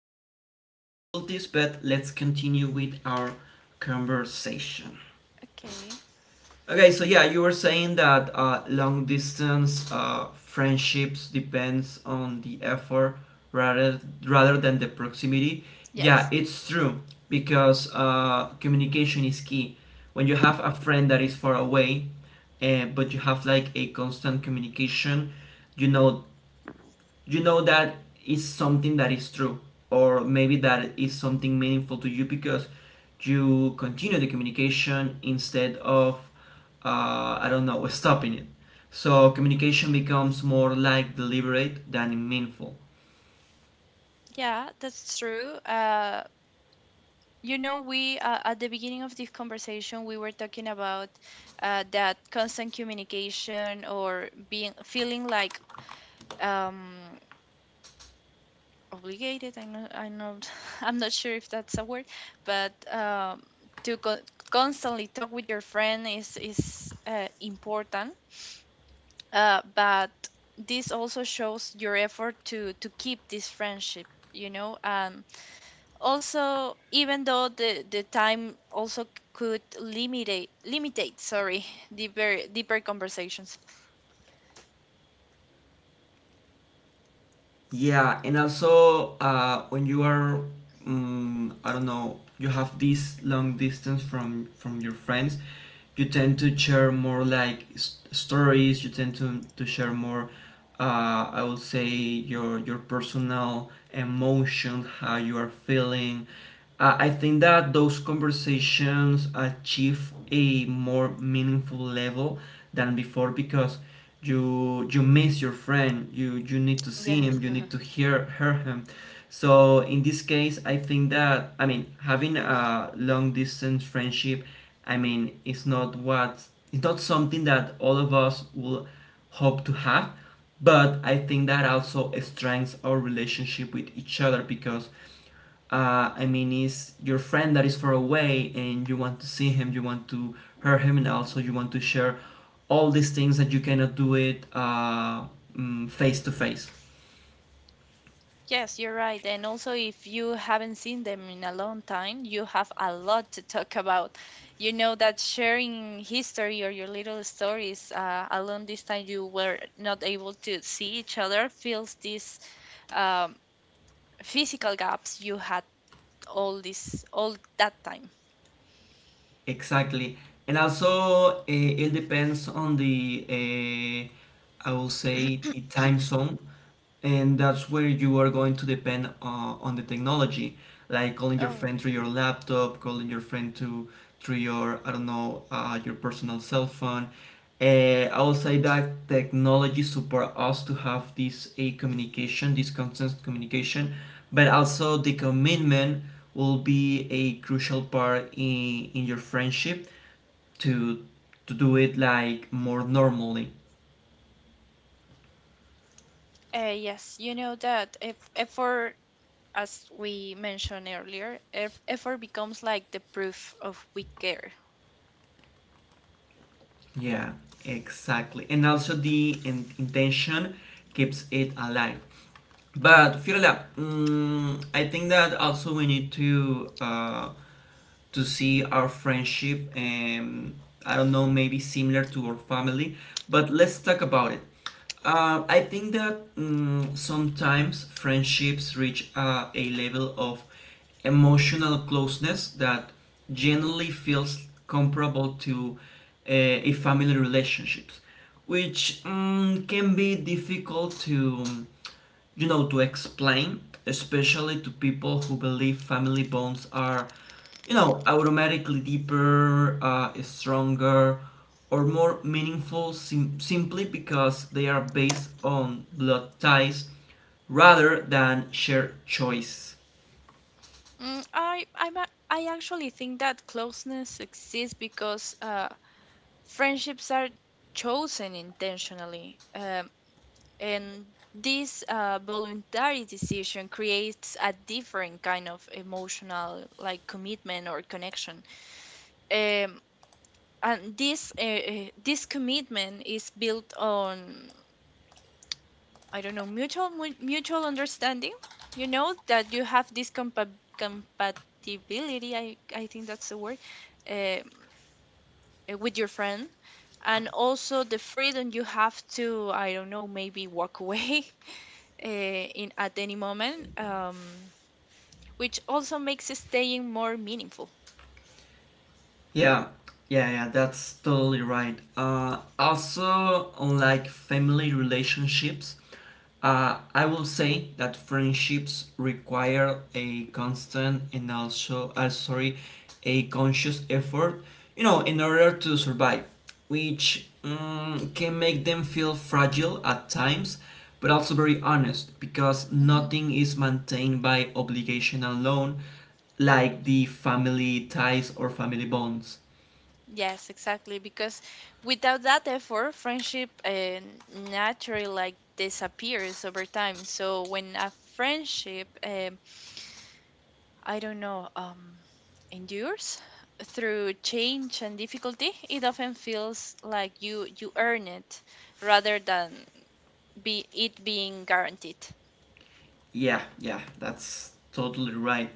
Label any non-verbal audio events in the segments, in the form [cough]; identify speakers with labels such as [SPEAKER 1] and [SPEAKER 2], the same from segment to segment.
[SPEAKER 1] technical difficulties, but let's continue with our conversation.
[SPEAKER 2] Okay.
[SPEAKER 1] Okay, so yeah, you were saying that long distance friendships depends on the effort rather rather than the proximity. Yeah,
[SPEAKER 2] Yes.
[SPEAKER 1] it's true because communication is key. When you have a friend that is far away, but you have like a constant communication, you know you know that is something that is true or maybe that is something meaningful to you because you continue the communication instead of I don't know, stopping it. So communication becomes more like deliberate than meaningful.
[SPEAKER 2] Yeah, that's true. You know, we at the beginning of this conversation, we were talking about that constant communication or being feeling like um, obligated. I'm not, [laughs] I'm not sure if that's a word, but to constantly talk with your friend is important. But this also shows your effort to keep this friendship. Also, even though the time also could limitate sorry [laughs] deeper conversations.
[SPEAKER 1] Yeah, and also when you are, I don't know, you have this long distance from your friends, you tend to share more like stories. You tend to share more, I would say your personal emotions, how you are feeling. I think that those conversations achieve a more meaningful level than before because you miss your friend, you need to see
[SPEAKER 2] Yes.
[SPEAKER 1] him, you
[SPEAKER 2] [laughs] Uh-huh.
[SPEAKER 1] need to hear him. So in this case I think that, I mean, having a long distance friendship, I mean, it's not what, it's not something that all of us will hope to have, but I think that also strengthens our relationship with each other because I mean, is your friend that is far away and you want to see him, you want to hear him, and also you want to share all these things that you cannot do it face to face.
[SPEAKER 2] Yes, you're right, and also if you haven't seen them in a long time, you have a lot to talk about. You know that sharing history or your little stories along this time you were not able to see each other fills these um, physical gaps you had all that time.
[SPEAKER 1] Exactly. And also, it depends on the, I will say, the time zone. And that's where you are going to depend on the technology, like calling your
[SPEAKER 2] Oh.
[SPEAKER 1] friend through your laptop, calling your friend to through your, I don't know, your personal cell phone. Uh, I will say that technology support us to have this a communication, this constant communication, but also the commitment will be a crucial part in your friendship to do it like more normally.
[SPEAKER 2] Yes, you know that if effort, as we mentioned earlier, if effort becomes like the proof of we care.
[SPEAKER 1] Yeah, exactly. And also the intention keeps it alive. But Fiorella, mm, I think that also we need to. To see our friendship and I don't know, maybe similar to our family, but let's talk about it. I think that mm, sometimes friendships reach a level of emotional closeness that generally feels comparable to a family relationships, which mm, can be difficult to, you know, to explain, especially to people who believe family bonds are, you know, automatically deeper, stronger or more meaningful simply because they are based on blood ties rather than shared choice.
[SPEAKER 2] I actually think that closeness exists because friendships are chosen intentionally, and this voluntary decision creates a different kind of emotional like commitment or connection. Um, and this this commitment is built on, I don't know, mutual understanding. You know that you have this compatibility. I think that's the word, uh, with your friend, and also the freedom you have to, I don't know, maybe walk away [laughs] uh, in at any moment, which also makes staying more meaningful.
[SPEAKER 1] Yeah, yeah, yeah, that's totally right. Also, unlike family relationships, I will say that friendships require a constant and also, sorry, a conscious effort, you know, in order to survive, which can make them feel fragile at times, but also very honest because
[SPEAKER 2] Hmm.
[SPEAKER 1] nothing is maintained by obligation alone
[SPEAKER 2] Like,
[SPEAKER 1] like the family ties or family bonds.
[SPEAKER 2] yes, exactly. Because without that effort, friendship naturally like disappears over time. So when a friendship, I don't know, endures through change and difficulty, it often feels like you earn it rather than be it being guaranteed.
[SPEAKER 1] Yeah, yeah, that's totally right.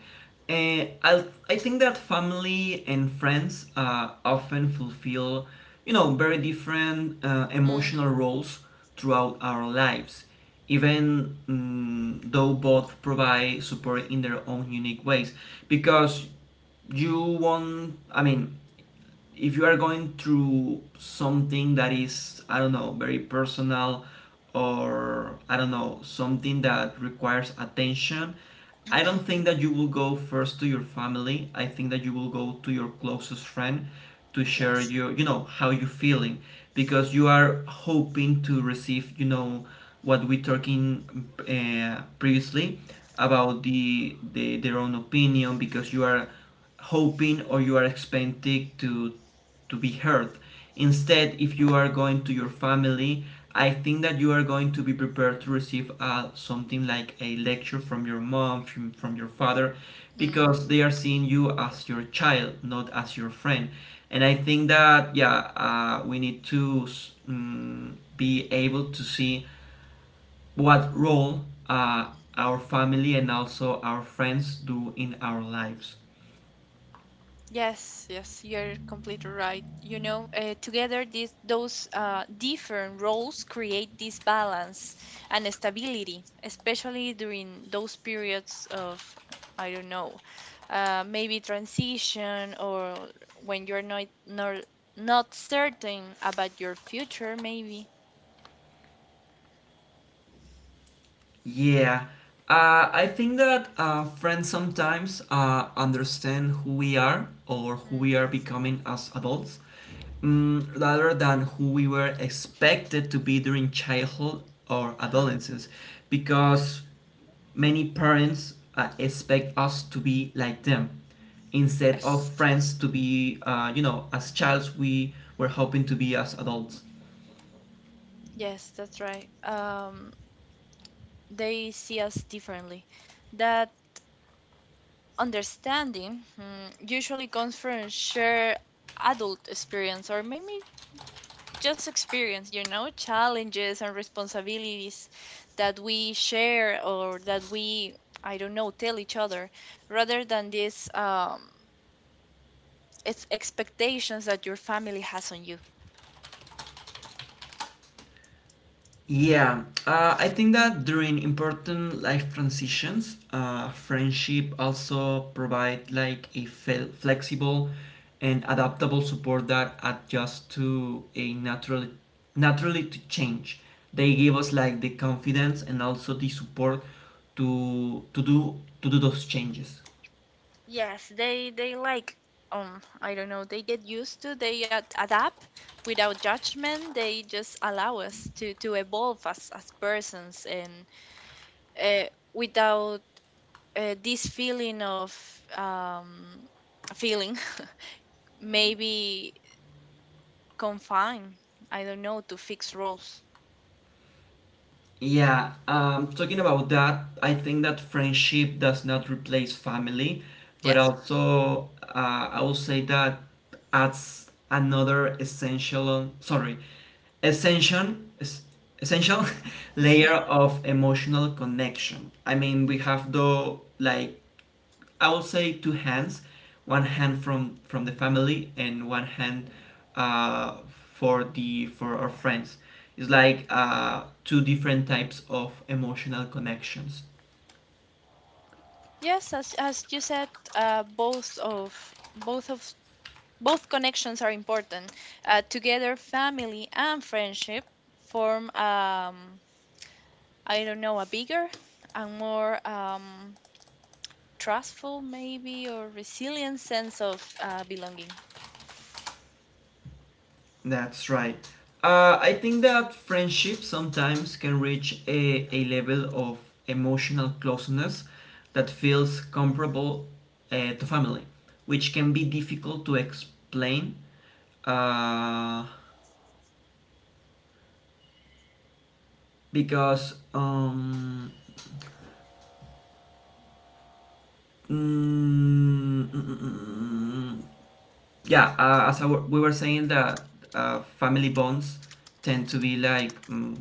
[SPEAKER 1] I I think that family and friends often fulfill, you know, very different
[SPEAKER 2] Mm.
[SPEAKER 1] emotional roles throughout our lives, even mm, though both provide support in their own unique ways. Because you won't, I mean, if you are going through something that is, I don't know, very personal, or I don't know, something that requires attention, I don't think that you will go first to your family. I think that you will go to your closest friend to share
[SPEAKER 2] Yes.
[SPEAKER 1] your, you know, how you're feeling, because you are hoping to receive, you know, what we talking previously about the their own opinion, because you are hoping or you are expecting to be heard. Instead, if you are going to your family, I think that you are going to be prepared to receive something like a lecture from your mom, from your father,
[SPEAKER 2] Mm.
[SPEAKER 1] because they are seeing you as your child, not as your friend. And I think that, yeah, we need to mm, be able to see what role our family and also our friends do in our lives.
[SPEAKER 2] Yes, yes, you're completely right. You know, together these those different roles create this balance and stability, especially during those periods of, I don't know, maybe transition, or when you're not certain about your future, maybe.
[SPEAKER 1] Yeah, I think that friends sometimes understand who we are or who
[SPEAKER 2] Mm.
[SPEAKER 1] we are becoming as adults, mm, rather than who we were expected to be during childhood or
[SPEAKER 2] Huh.
[SPEAKER 1] adolescence, because many parents expect us to be like them instead of
[SPEAKER 2] Yes.
[SPEAKER 1] friends to be, you know, as childs we were hoping to be as adults.
[SPEAKER 2] Yes, that's right. They see us differently. That understanding, usually comes from shared adult experience, or maybe just experience, you know, challenges and responsibilities that we share, or that we, I don't know, tell each other, rather than these expectations that your family has on you.
[SPEAKER 1] Yeah, I think that during important life transitions, friendship also provide like a flexible and adaptable support that adjusts to a natural naturally to change. They give us like the confidence and also the support to do those changes.
[SPEAKER 2] Yes, they like. I don't know. They get used to. They adapt without judgment. They just allow us to evolve as persons, and uh, without this feeling of, um, feeling [laughs] maybe confined, I don't know, to fixed rules.
[SPEAKER 1] Yeah, talking about that, I think that friendship does not replace family, but
[SPEAKER 2] Yes.
[SPEAKER 1] also I will say that adds another essential, on, sorry, essential, es- essential [laughs] layer
[SPEAKER 2] [laughs]
[SPEAKER 1] of emotional connection. I mean, we have the like, I will say two hands, one hand from the family and one hand for the for our friends. It's like two different types of emotional connections.
[SPEAKER 2] Yes, as you said, uh, both of both of both connections are important. Together, family and friendship form, I don't know, a bigger and more, trustful maybe, or resilient sense of belonging.
[SPEAKER 1] That's right. I think that friendship sometimes can reach a level of emotional closeness that feels comparable to family, which can be difficult to explain uh, because Mm, mm, mm, mm, mm. mm. yeah, as I we were saying that family bonds tend to be like mm,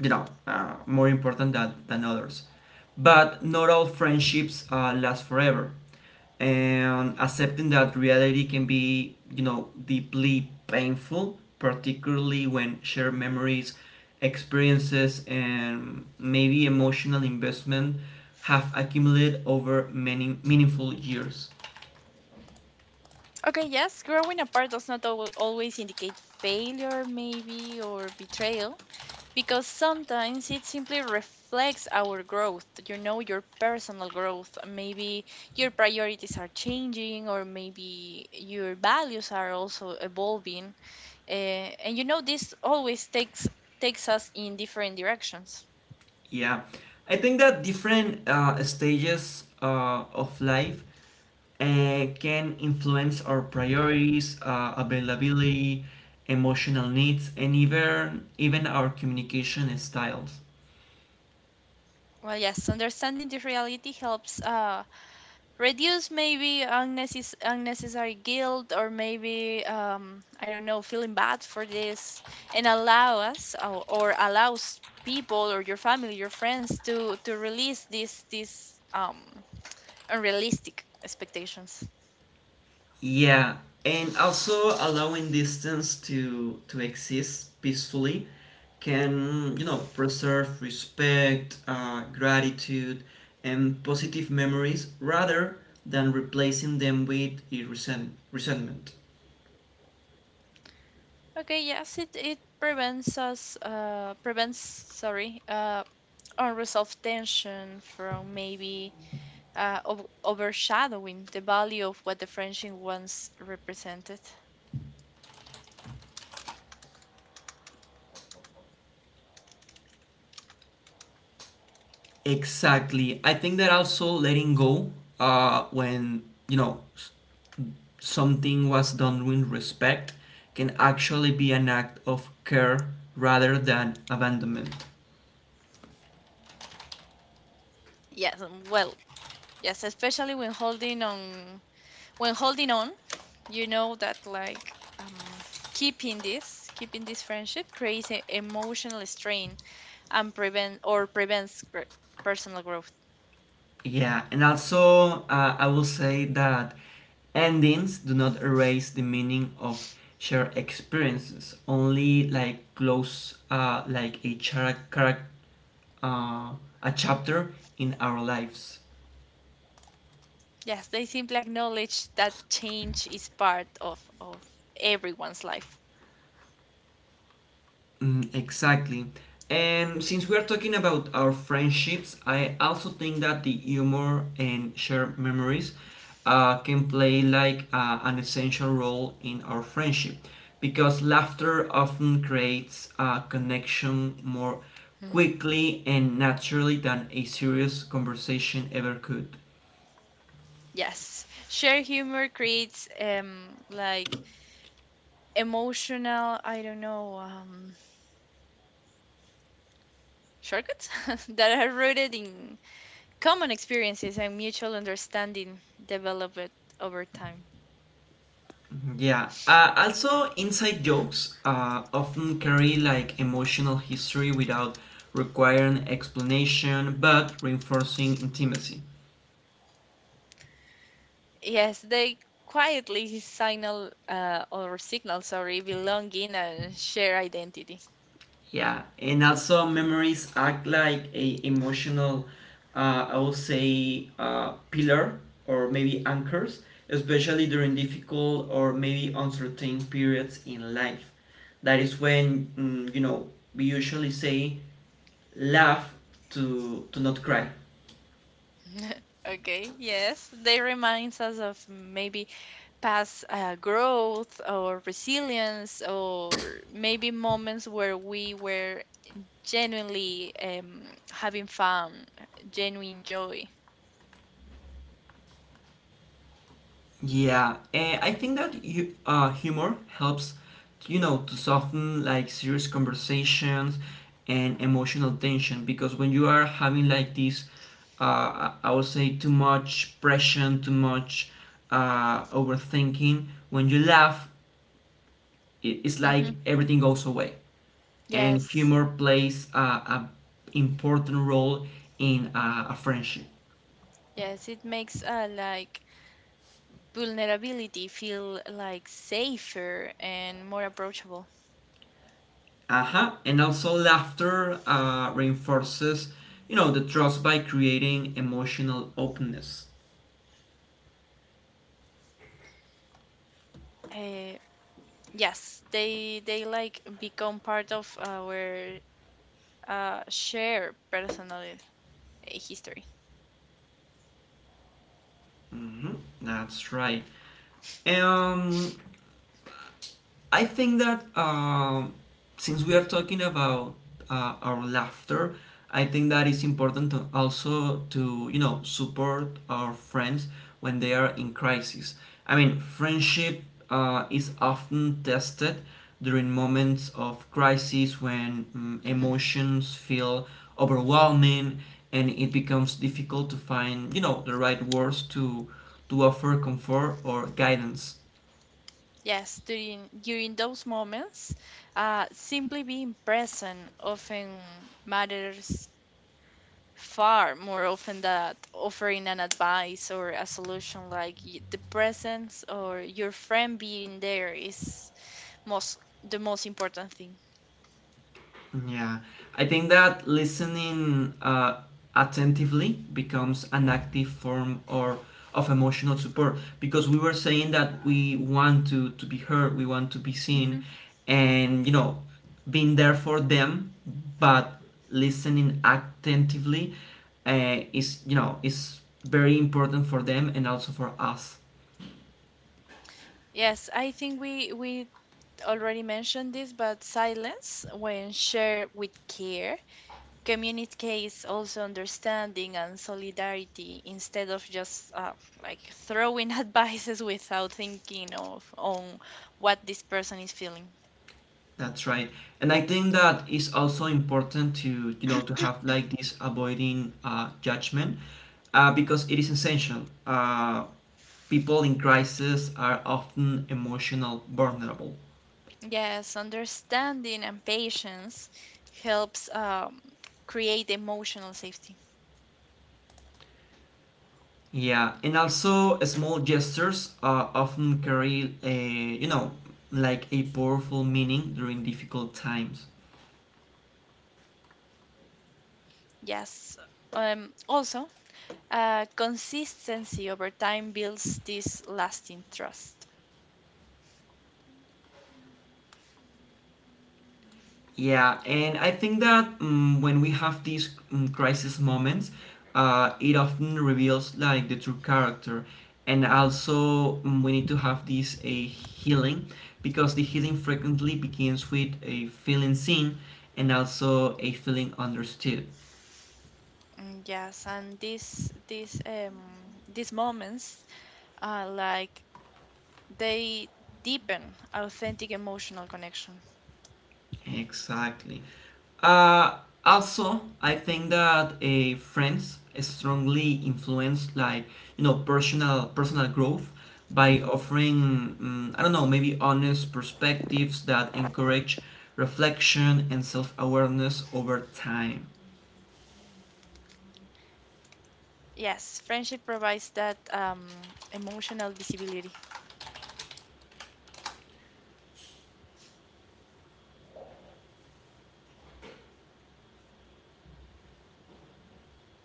[SPEAKER 1] you know, more important than others, but not all friendships last forever, and accepting that reality can be, you know, deeply painful, particularly when shared memories, experiences, and maybe emotional investment have accumulated over many meaningful years.
[SPEAKER 2] Okay, yes, growing apart does not always indicate failure, maybe, or betrayal, because sometimes it simply reflects our growth, you know, your personal growth. Maybe your priorities are changing, or maybe your values are also evolving. Uh, and you know, this always takes us in different directions.
[SPEAKER 1] Yeah, I think that different stages of life can influence our priorities, availability, emotional needs, and even our communication styles.
[SPEAKER 2] Well, yes, understanding this reality helps reduce maybe unnecessary guilt, or maybe, I don't know, feeling bad for this, and allow us, or allows people, or your family, your friends, to release these unrealistic expectations.
[SPEAKER 1] Yeah, and also allowing distance to exist peacefully can, you know, preserve respect, gratitude, and positive memories rather than replacing them with a resentment.
[SPEAKER 2] Okay, yes, it prevents us, prevents, sorry, unresolved tension from, maybe, overshadowing the value of what the friendship once represented.
[SPEAKER 1] Exactly. I think that also letting go when, you know, something was done with respect, can actually be an act of care rather than abandonment.
[SPEAKER 2] Yes, well, yes, especially when holding on, you know, that, like, keeping this friendship creates an emotional strain, and prevents personal growth.
[SPEAKER 1] Yeah, and also I will say that endings do not erase the meaning of shared experiences. Only like close, like a chara, uh, a chapter in our lives.
[SPEAKER 2] Yes, they simply acknowledge that change is part of everyone's life.
[SPEAKER 1] Mm, exactly. And since we are talking about our friendships, I also think that the humor and shared memories can play like an essential role in our friendship because laughter often creates a connection more
[SPEAKER 2] Mhm.
[SPEAKER 1] quickly and naturally than a serious conversation ever could.
[SPEAKER 2] Yes, shared humor creates, like, emotional, I don't know, shortcuts [laughs] that are rooted in common experiences and mutual understanding developed over time.
[SPEAKER 1] Yeah. Also, inside jokes often carry like emotional history without requiring explanation, but reinforcing intimacy.
[SPEAKER 2] Yes, they quietly signal, or signal, sorry, belonging and share identity.
[SPEAKER 1] Yeah, and also memories act like a emotional, I would say, pillar or maybe anchors, especially during difficult or maybe uncertain periods in life. That is when mm, you know, we usually say laugh to not cry.
[SPEAKER 2] Okay, yes, they reminds us of, maybe, past growth or resilience, or maybe moments where we were genuinely, having fun, genuine joy.
[SPEAKER 1] Yeah, and I think that humor helps, you know, to soften like serious conversations and emotional tension, because when you are having like this, I would say too much pressure, too much overthinking, when you laugh, it, it's
[SPEAKER 2] Hmm.
[SPEAKER 1] like everything goes away. And
[SPEAKER 2] Yes,
[SPEAKER 1] humor plays a important role in a friendship.
[SPEAKER 2] yes, it makes, like, vulnerability feel like safer and more approachable.
[SPEAKER 1] Aha, and also laughter reinforces, you know, the trust by creating emotional openness.
[SPEAKER 2] Uh, yes, they like become part of our, shared personal, history.
[SPEAKER 1] Hmm. That's right. Um, I think that since we are talking about our laughter, I think that it's important to also to, you know, support our friends when they are in crisis. I mean, friendship is often tested during moments of crisis when mm,
[SPEAKER 2] Mhm.
[SPEAKER 1] emotions feel overwhelming and it becomes difficult to find, you know, the right words to offer comfort or guidance.
[SPEAKER 2] Yes, during those moments, simply being present often matters far more often than offering an advice or a solution. Like, the presence, or your friend being there, is most the most important thing.
[SPEAKER 1] Yeah, I think that listening attentively becomes an active form or of emotional support because we were saying that we want to be heard, we want to be seen,
[SPEAKER 2] Hmm.
[SPEAKER 1] and you know, being there for them, but listening attentively is, you know, is very important for them and also for us.
[SPEAKER 2] Yes, I think we already mentioned this, but silence, when shared with care, communicates also understanding and solidarity, instead of just, like, throwing [laughs] advices without thinking of on what this person is feeling.
[SPEAKER 1] That's right. And I think that is also important to, you know, to have like this avoiding judgment because it is essential. People in crisis are often emotional, vulnerable.
[SPEAKER 2] Yes, understanding and patience helps, create emotional safety.
[SPEAKER 1] Yeah. And also small gestures often carry a, you know, like a powerful meaning during difficult times.
[SPEAKER 2] Yes, also, consistency over time builds this lasting trust.
[SPEAKER 1] Yeah, and I think that when we have these crisis moments, it often reveals like the true character, and also we need to have this a healing, because the healing frequently begins with a feeling seen, and also a feeling understood.
[SPEAKER 2] Yes, and these moments are, like, they deepen authentic emotional connection.
[SPEAKER 1] Exactly. Uh, Also, I think that friends strongly influence, like, you know, personal growth by
[SPEAKER 2] Mhm.
[SPEAKER 1] offering I don't know, maybe honest perspectives that encourage reflection and self awareness over time.
[SPEAKER 2] Yes, friendship provides that, emotional visibility.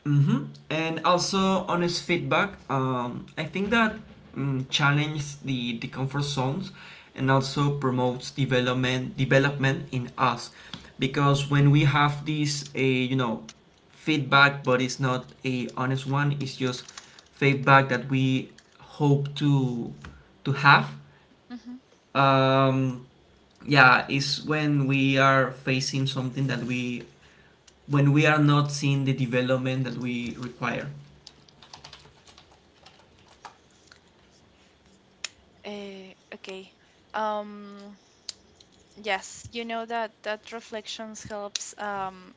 [SPEAKER 1] Mm-hmm. And also honest feedback. I think that challenges the comfort zones and also promotes development in us, because when we have this a, you know, feedback, but it's not a honest one, it's just feedback that we hope to have,
[SPEAKER 2] Mhm.
[SPEAKER 1] um yeah, is when we are facing something that we, when we are not seeing the development that we require.
[SPEAKER 2] Okay. Um, yes, you know, that that reflections helps,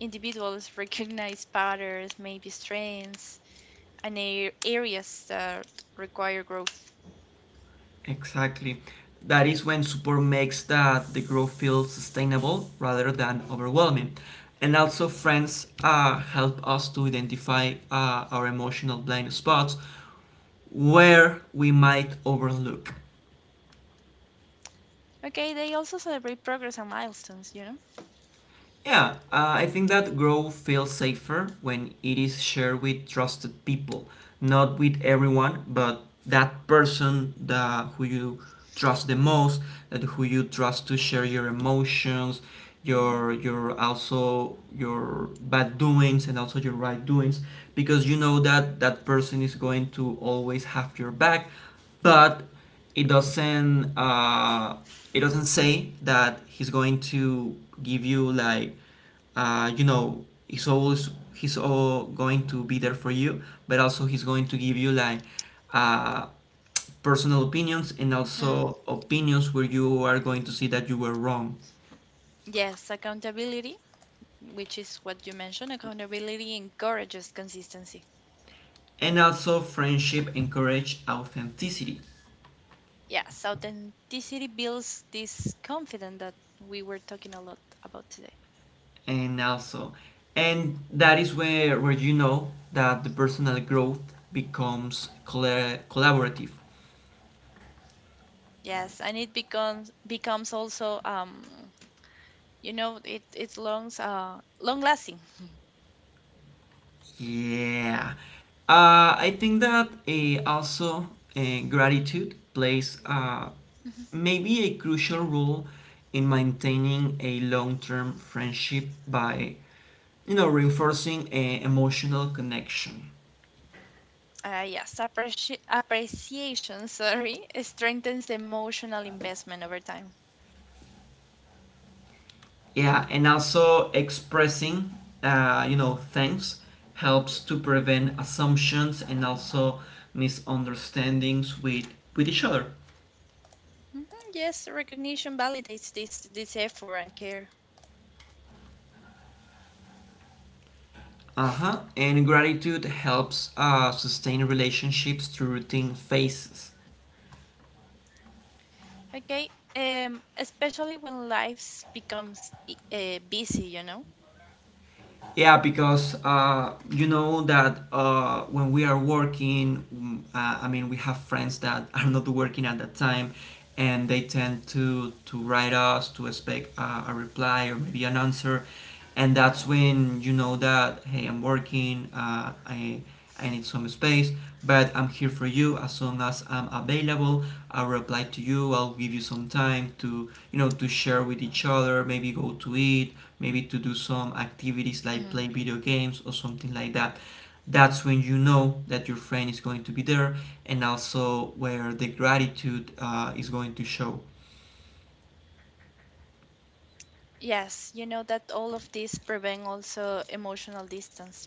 [SPEAKER 2] individuals [laughs] recognize patterns, maybe strengths, and areas that require growth.
[SPEAKER 1] Exactly. That is when support makes that the growth feel sustainable rather than overwhelming. And also, friends help us to identify our emotional blind spots where we might overlook.
[SPEAKER 2] Okay, they also celebrate progress and milestones, you know?
[SPEAKER 1] Yeah, I think that growth feels safer when it is shared with trusted people, not with everyone, but that person that who you trust the most, that who you trust to share your emotions,
[SPEAKER 2] Mm.
[SPEAKER 1] your, also your bad doings and also your right doings, because you know that that person is going to always have your back, but it doesn't uh, it doesn't say that he's going to give you, like, you know, he's always, he's all going to be there for you, but also he's going to give you, like, uh, personal opinions and
[SPEAKER 2] Mm.
[SPEAKER 1] also opinions where you are going to see that you were wrong.
[SPEAKER 2] Yes, accountability, which is what you mentioned, accountability encourages consistency.
[SPEAKER 1] And also friendship encourage authenticity,
[SPEAKER 2] Yes, authenticity builds this confidence that we were talking a lot about today.
[SPEAKER 1] and also and that is where you know that the personal growth becomes collaborative.
[SPEAKER 2] Yes, and it becomes also, it's long lasting.
[SPEAKER 1] Yeah, I think that also, gratitude plays, maybe a crucial role in maintaining a long-term friendship by, you know, reinforcing a emotional connection.
[SPEAKER 2] Yes, appreciation, sorry, [laughs] strengthens emotional investment over time.
[SPEAKER 1] Yeah, and also expressing, you know, thanks helps to prevent assumptions and also misunderstandings with each other.
[SPEAKER 2] Hmm. Yes, recognition validates this effort and care.
[SPEAKER 1] Uh huh. And gratitude helps sustain relationships through routine phases.
[SPEAKER 2] Okay, especially when life becomes, busy, you know.
[SPEAKER 1] Yeah, because you know that when we are working, I mean, we have friends that [laughs] are not working at that time, and they tend to write us to expect a reply or maybe an answer, and that's when you know that, hey, I'm working. I need some space, but I'm here for you as soon as I'm available. I'll reply to you. I'll give you some time to, you know, to share with each other, maybe go to eat, maybe to do some activities like
[SPEAKER 2] Hmm.
[SPEAKER 1] play video games or something like that. That's when you know that your friend is going to be there and also where the gratitude is going to show.
[SPEAKER 2] Yes, you know that all of this prevent also emotional distance.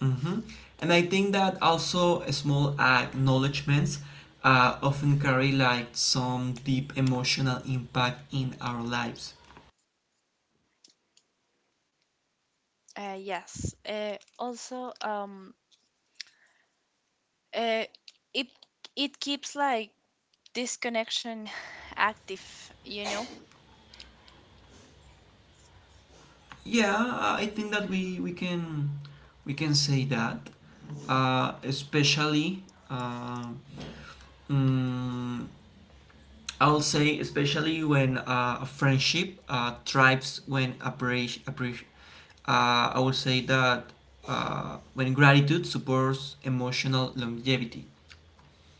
[SPEAKER 1] hmm And I think that also small acknowledgments often carry like some deep emotional impact in our lives.
[SPEAKER 2] Yes. Also, uh, it it keeps, like, this connection [sighs] active, you know.
[SPEAKER 1] Yeah, I think that we can say that, uh, especially uh, mm, I'll say especially when a friendship thrives when I would say that when gratitude supports emotional longevity.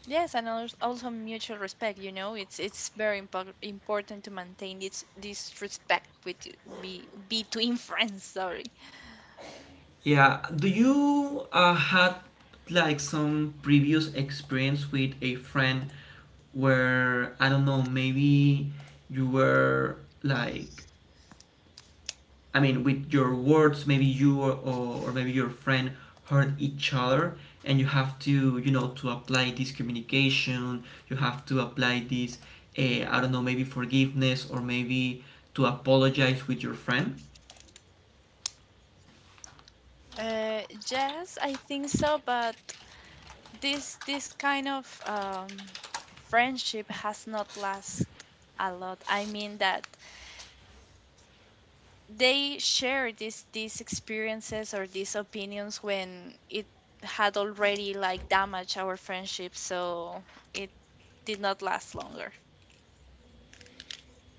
[SPEAKER 2] Yes, and also mutual respect. You know, it's very important to maintain this respect with be between [laughs] friends. Sorry.
[SPEAKER 1] Yeah. Do you had like some previous experience with a friend where, I don't know, maybe you were like, I mean, with your words, maybe you or maybe your friend hurt each other, and you have to, you know, to apply this communication. You have to apply this, I don't know, maybe forgiveness or maybe to apologize with your friend.
[SPEAKER 2] Uh, yes, I think so, but this kind of, friendship has not last a lot. I mean that they share these experiences, or these opinions, when it had already like damaged our friendship, so it did not last longer.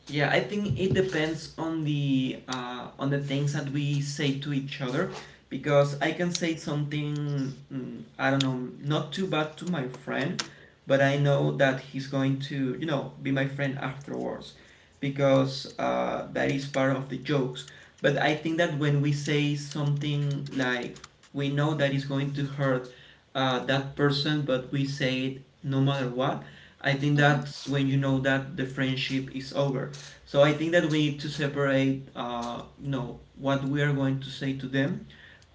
[SPEAKER 1] Yeah, I think it depends on the things that we say to each other, because I can say something, I don't know, not too bad to my friend, but I know that he's going to, you know, be my friend afterwards, because that is part of the jokes. But I think that when we say something like we know that is going to hurt that person, but we say it no matter what. I think
[SPEAKER 2] Hmm.
[SPEAKER 1] that's when you know that the friendship is over. So I think that we need to separate, you know, what we are going to say to them.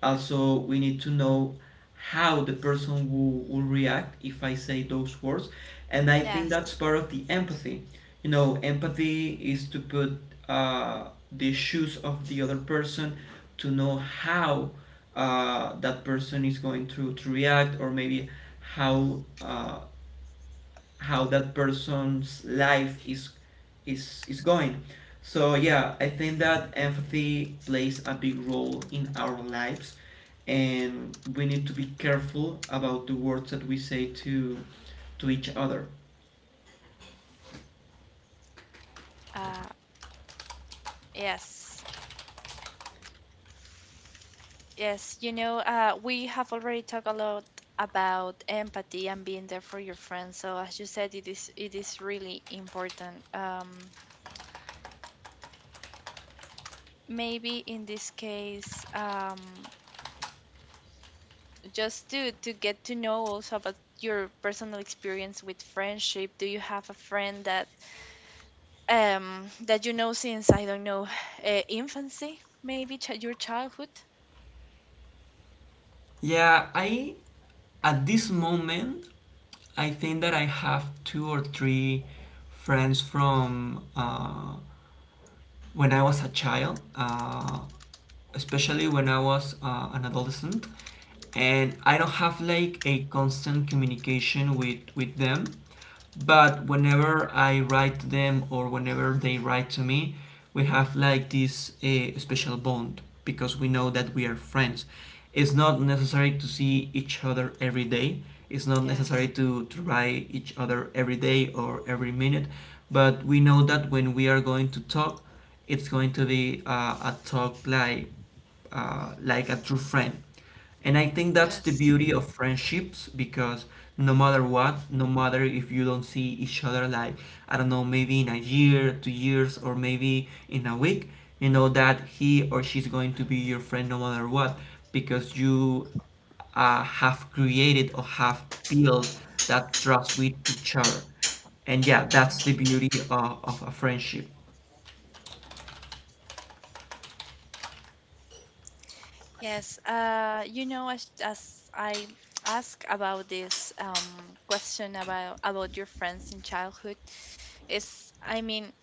[SPEAKER 1] Also, we need to know how the person will react if I say those words. And I think
[SPEAKER 2] Yes.
[SPEAKER 1] that's part of the empathy. You know, empathy is to put the shoes of the other person to know how that person is going to react, or maybe how uh, how that person's life is going. So yeah, I think that empathy plays a big role in our lives, and we need to be careful about the words that we say to each other.
[SPEAKER 2] Uh, yes, yes. You know, we have already talked a lot about empathy and being there for your friends. So as you said, it is really important. Maybe in this case, just to get to know also about your personal experience with friendship. Do you have a friend that you know since, I don't know, [sighs] infancy, maybe ch your childhood?
[SPEAKER 1] Yeah, I, at this moment, I think that I have two or three friends from when I was a child, especially when I was an adolescent, and I don't have like a constant communication with them. But whenever I write to them or whenever they write to me, we have like this special bond because we know that we are friends. It's not necessary to see each other every day. It's not necessary
[SPEAKER 2] Yes.
[SPEAKER 1] to write each other every day or every minute, but we know that when we are going to talk, it's going to be a talk like a true friend. And I think that's the
[SPEAKER 2] Yes.
[SPEAKER 1] beauty of friendships, because no matter what, no matter if you don't see each other like, I don't know, maybe in a year, 2 years, or maybe in a week, you know that he or she's going to be your friend no matter what, because you have created or have built that trust with each other. And yeah, that's the beauty of a friendship.
[SPEAKER 2] Yes, you know, as I ask about this, question about your friends in childhood, is, I mean,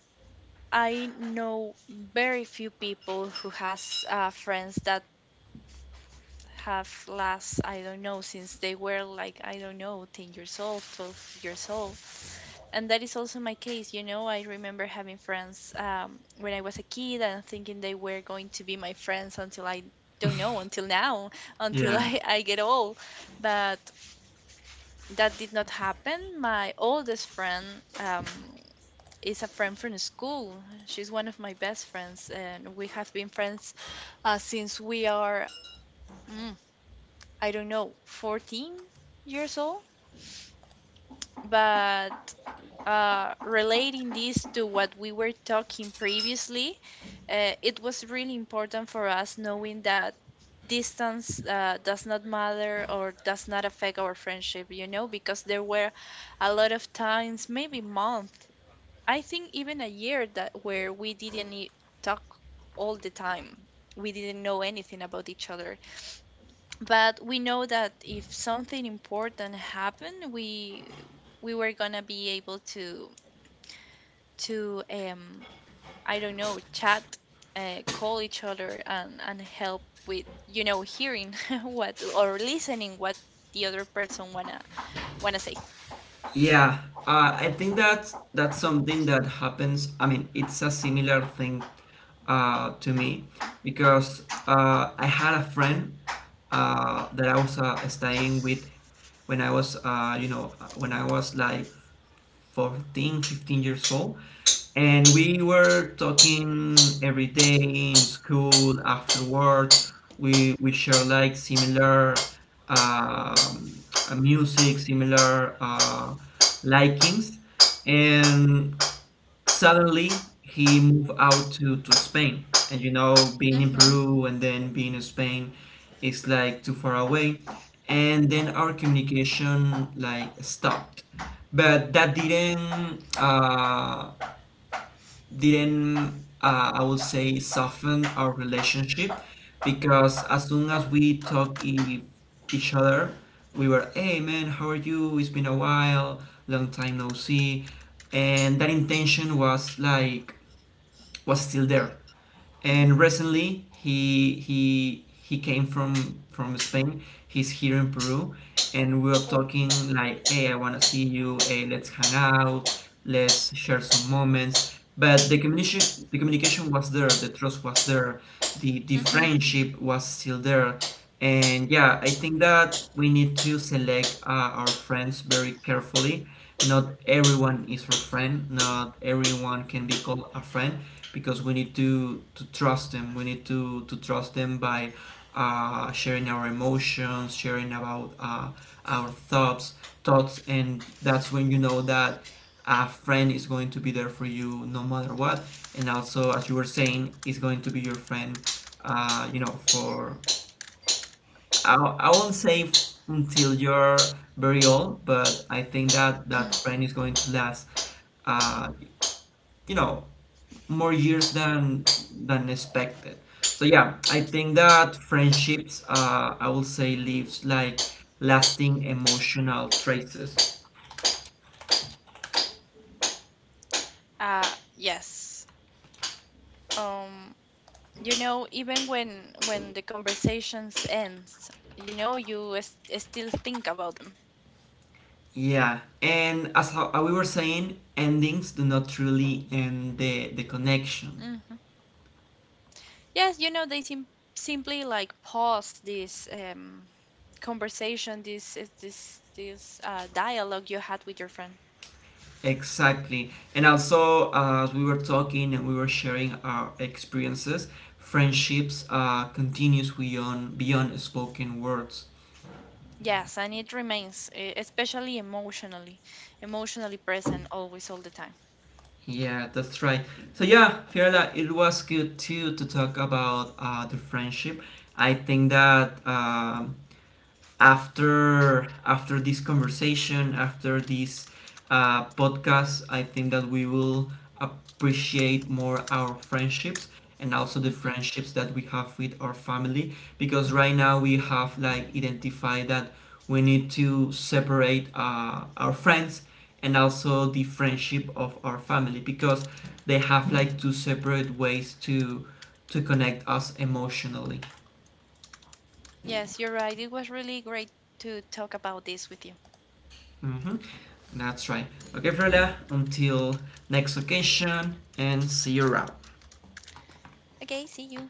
[SPEAKER 2] I know very few people who has, friends that have last, I don't know, since they were like, I don't know, 10 years old, 12 years old, and that is also my case. I remember having friends, when I was a kid, and thinking they were going to be my friends until I, don't know, until now, [laughs] until
[SPEAKER 1] Yeah.
[SPEAKER 2] I get old. But that did not happen. My oldest friend, um, is a friend from school. She's one of my best friends, and we have been friends, since we are, mm, I don't know, 14 years old. But, relating this to what we were talking previously, it was really important for us knowing that distance, does not matter, or does not affect our friendship, you know, because there were a lot of times, maybe month, I think even a year, that where we didn't talk all the time. We didn't know anything about each other. But we know that if something important happened, we were gonna be able to I don't know, chat, call each other, and help with, hearing [laughs] what, or listening what the other person wanna say.
[SPEAKER 1] Yeah, I think that's something that happens. I mean, it's a similar thing to me, because I had a friend that I was staying with when I was, you know, when I was like 14 15 years old. And we were talking every day in school, afterwards. We share like similar music, similar likings. And suddenly he moved out to Spain. And you know, being in
[SPEAKER 2] Mm-hmm.
[SPEAKER 1] Peru and then being in Spain is like too far away. And then our communication like stopped. But that didn't I would say soften our relationship, because as soon as we talk each other, we were, hey man, how are you? It's been a while, long time no see, and that intention was like was still there. And recently he came from Spain. He's here in Peru, and we are talking like, "Hey, I wanna see you. Hey, let's hang out. Let's share some moments." But the communication was there. The trust was there. The
[SPEAKER 2] Mm-hmm.
[SPEAKER 1] friendship was still there. And yeah, I think that we need to select our friends very carefully. Not everyone is our friend. Not everyone can be called a friend, because we need to trust them. We need to trust them by sharing our emotions, sharing about our thoughts, and that's when you know that a friend is going to be there for you no matter what. And also, as you were saying, is going to be your friend, you know, for I won't say until you're very old, but I think that that friend is going to last, uh, you know, more years than expected. So yeah, I think that friendships, I will say, leaves like lasting emotional traces.
[SPEAKER 2] Uh, yes. Um, even when the conversations ends, you still think about
[SPEAKER 1] Yeah, and as how we were saying, endings do not truly end the connection.
[SPEAKER 2] them. Yes, you know, they simply like pause this, conversation, this is- this dialogue you had with your friend.
[SPEAKER 1] Exactly. And also, as we were talking and we were sharing our experiences, friendships continues beyond spoken words.
[SPEAKER 2] Yes, and it remains, especially emotionally, present always, all the time.
[SPEAKER 1] Yeah, that's right. So yeah, Fiorella, it was good too to talk about the friendship. I think that after after this conversation after this podcast, I think that we will appreciate more our friendships, and also the
[SPEAKER 2] Hmm.
[SPEAKER 1] friendships that we have with our family, because right now we have like identified that we need to separate our friends and also the friendship of our family, because they have like two separate ways to connect us emotionally.
[SPEAKER 2] Yes, you're right. It was really great to talk about this with you.
[SPEAKER 1] Mhm. That's right. Okay, Freda, until next occasion and see you around.
[SPEAKER 2] Okay, see you.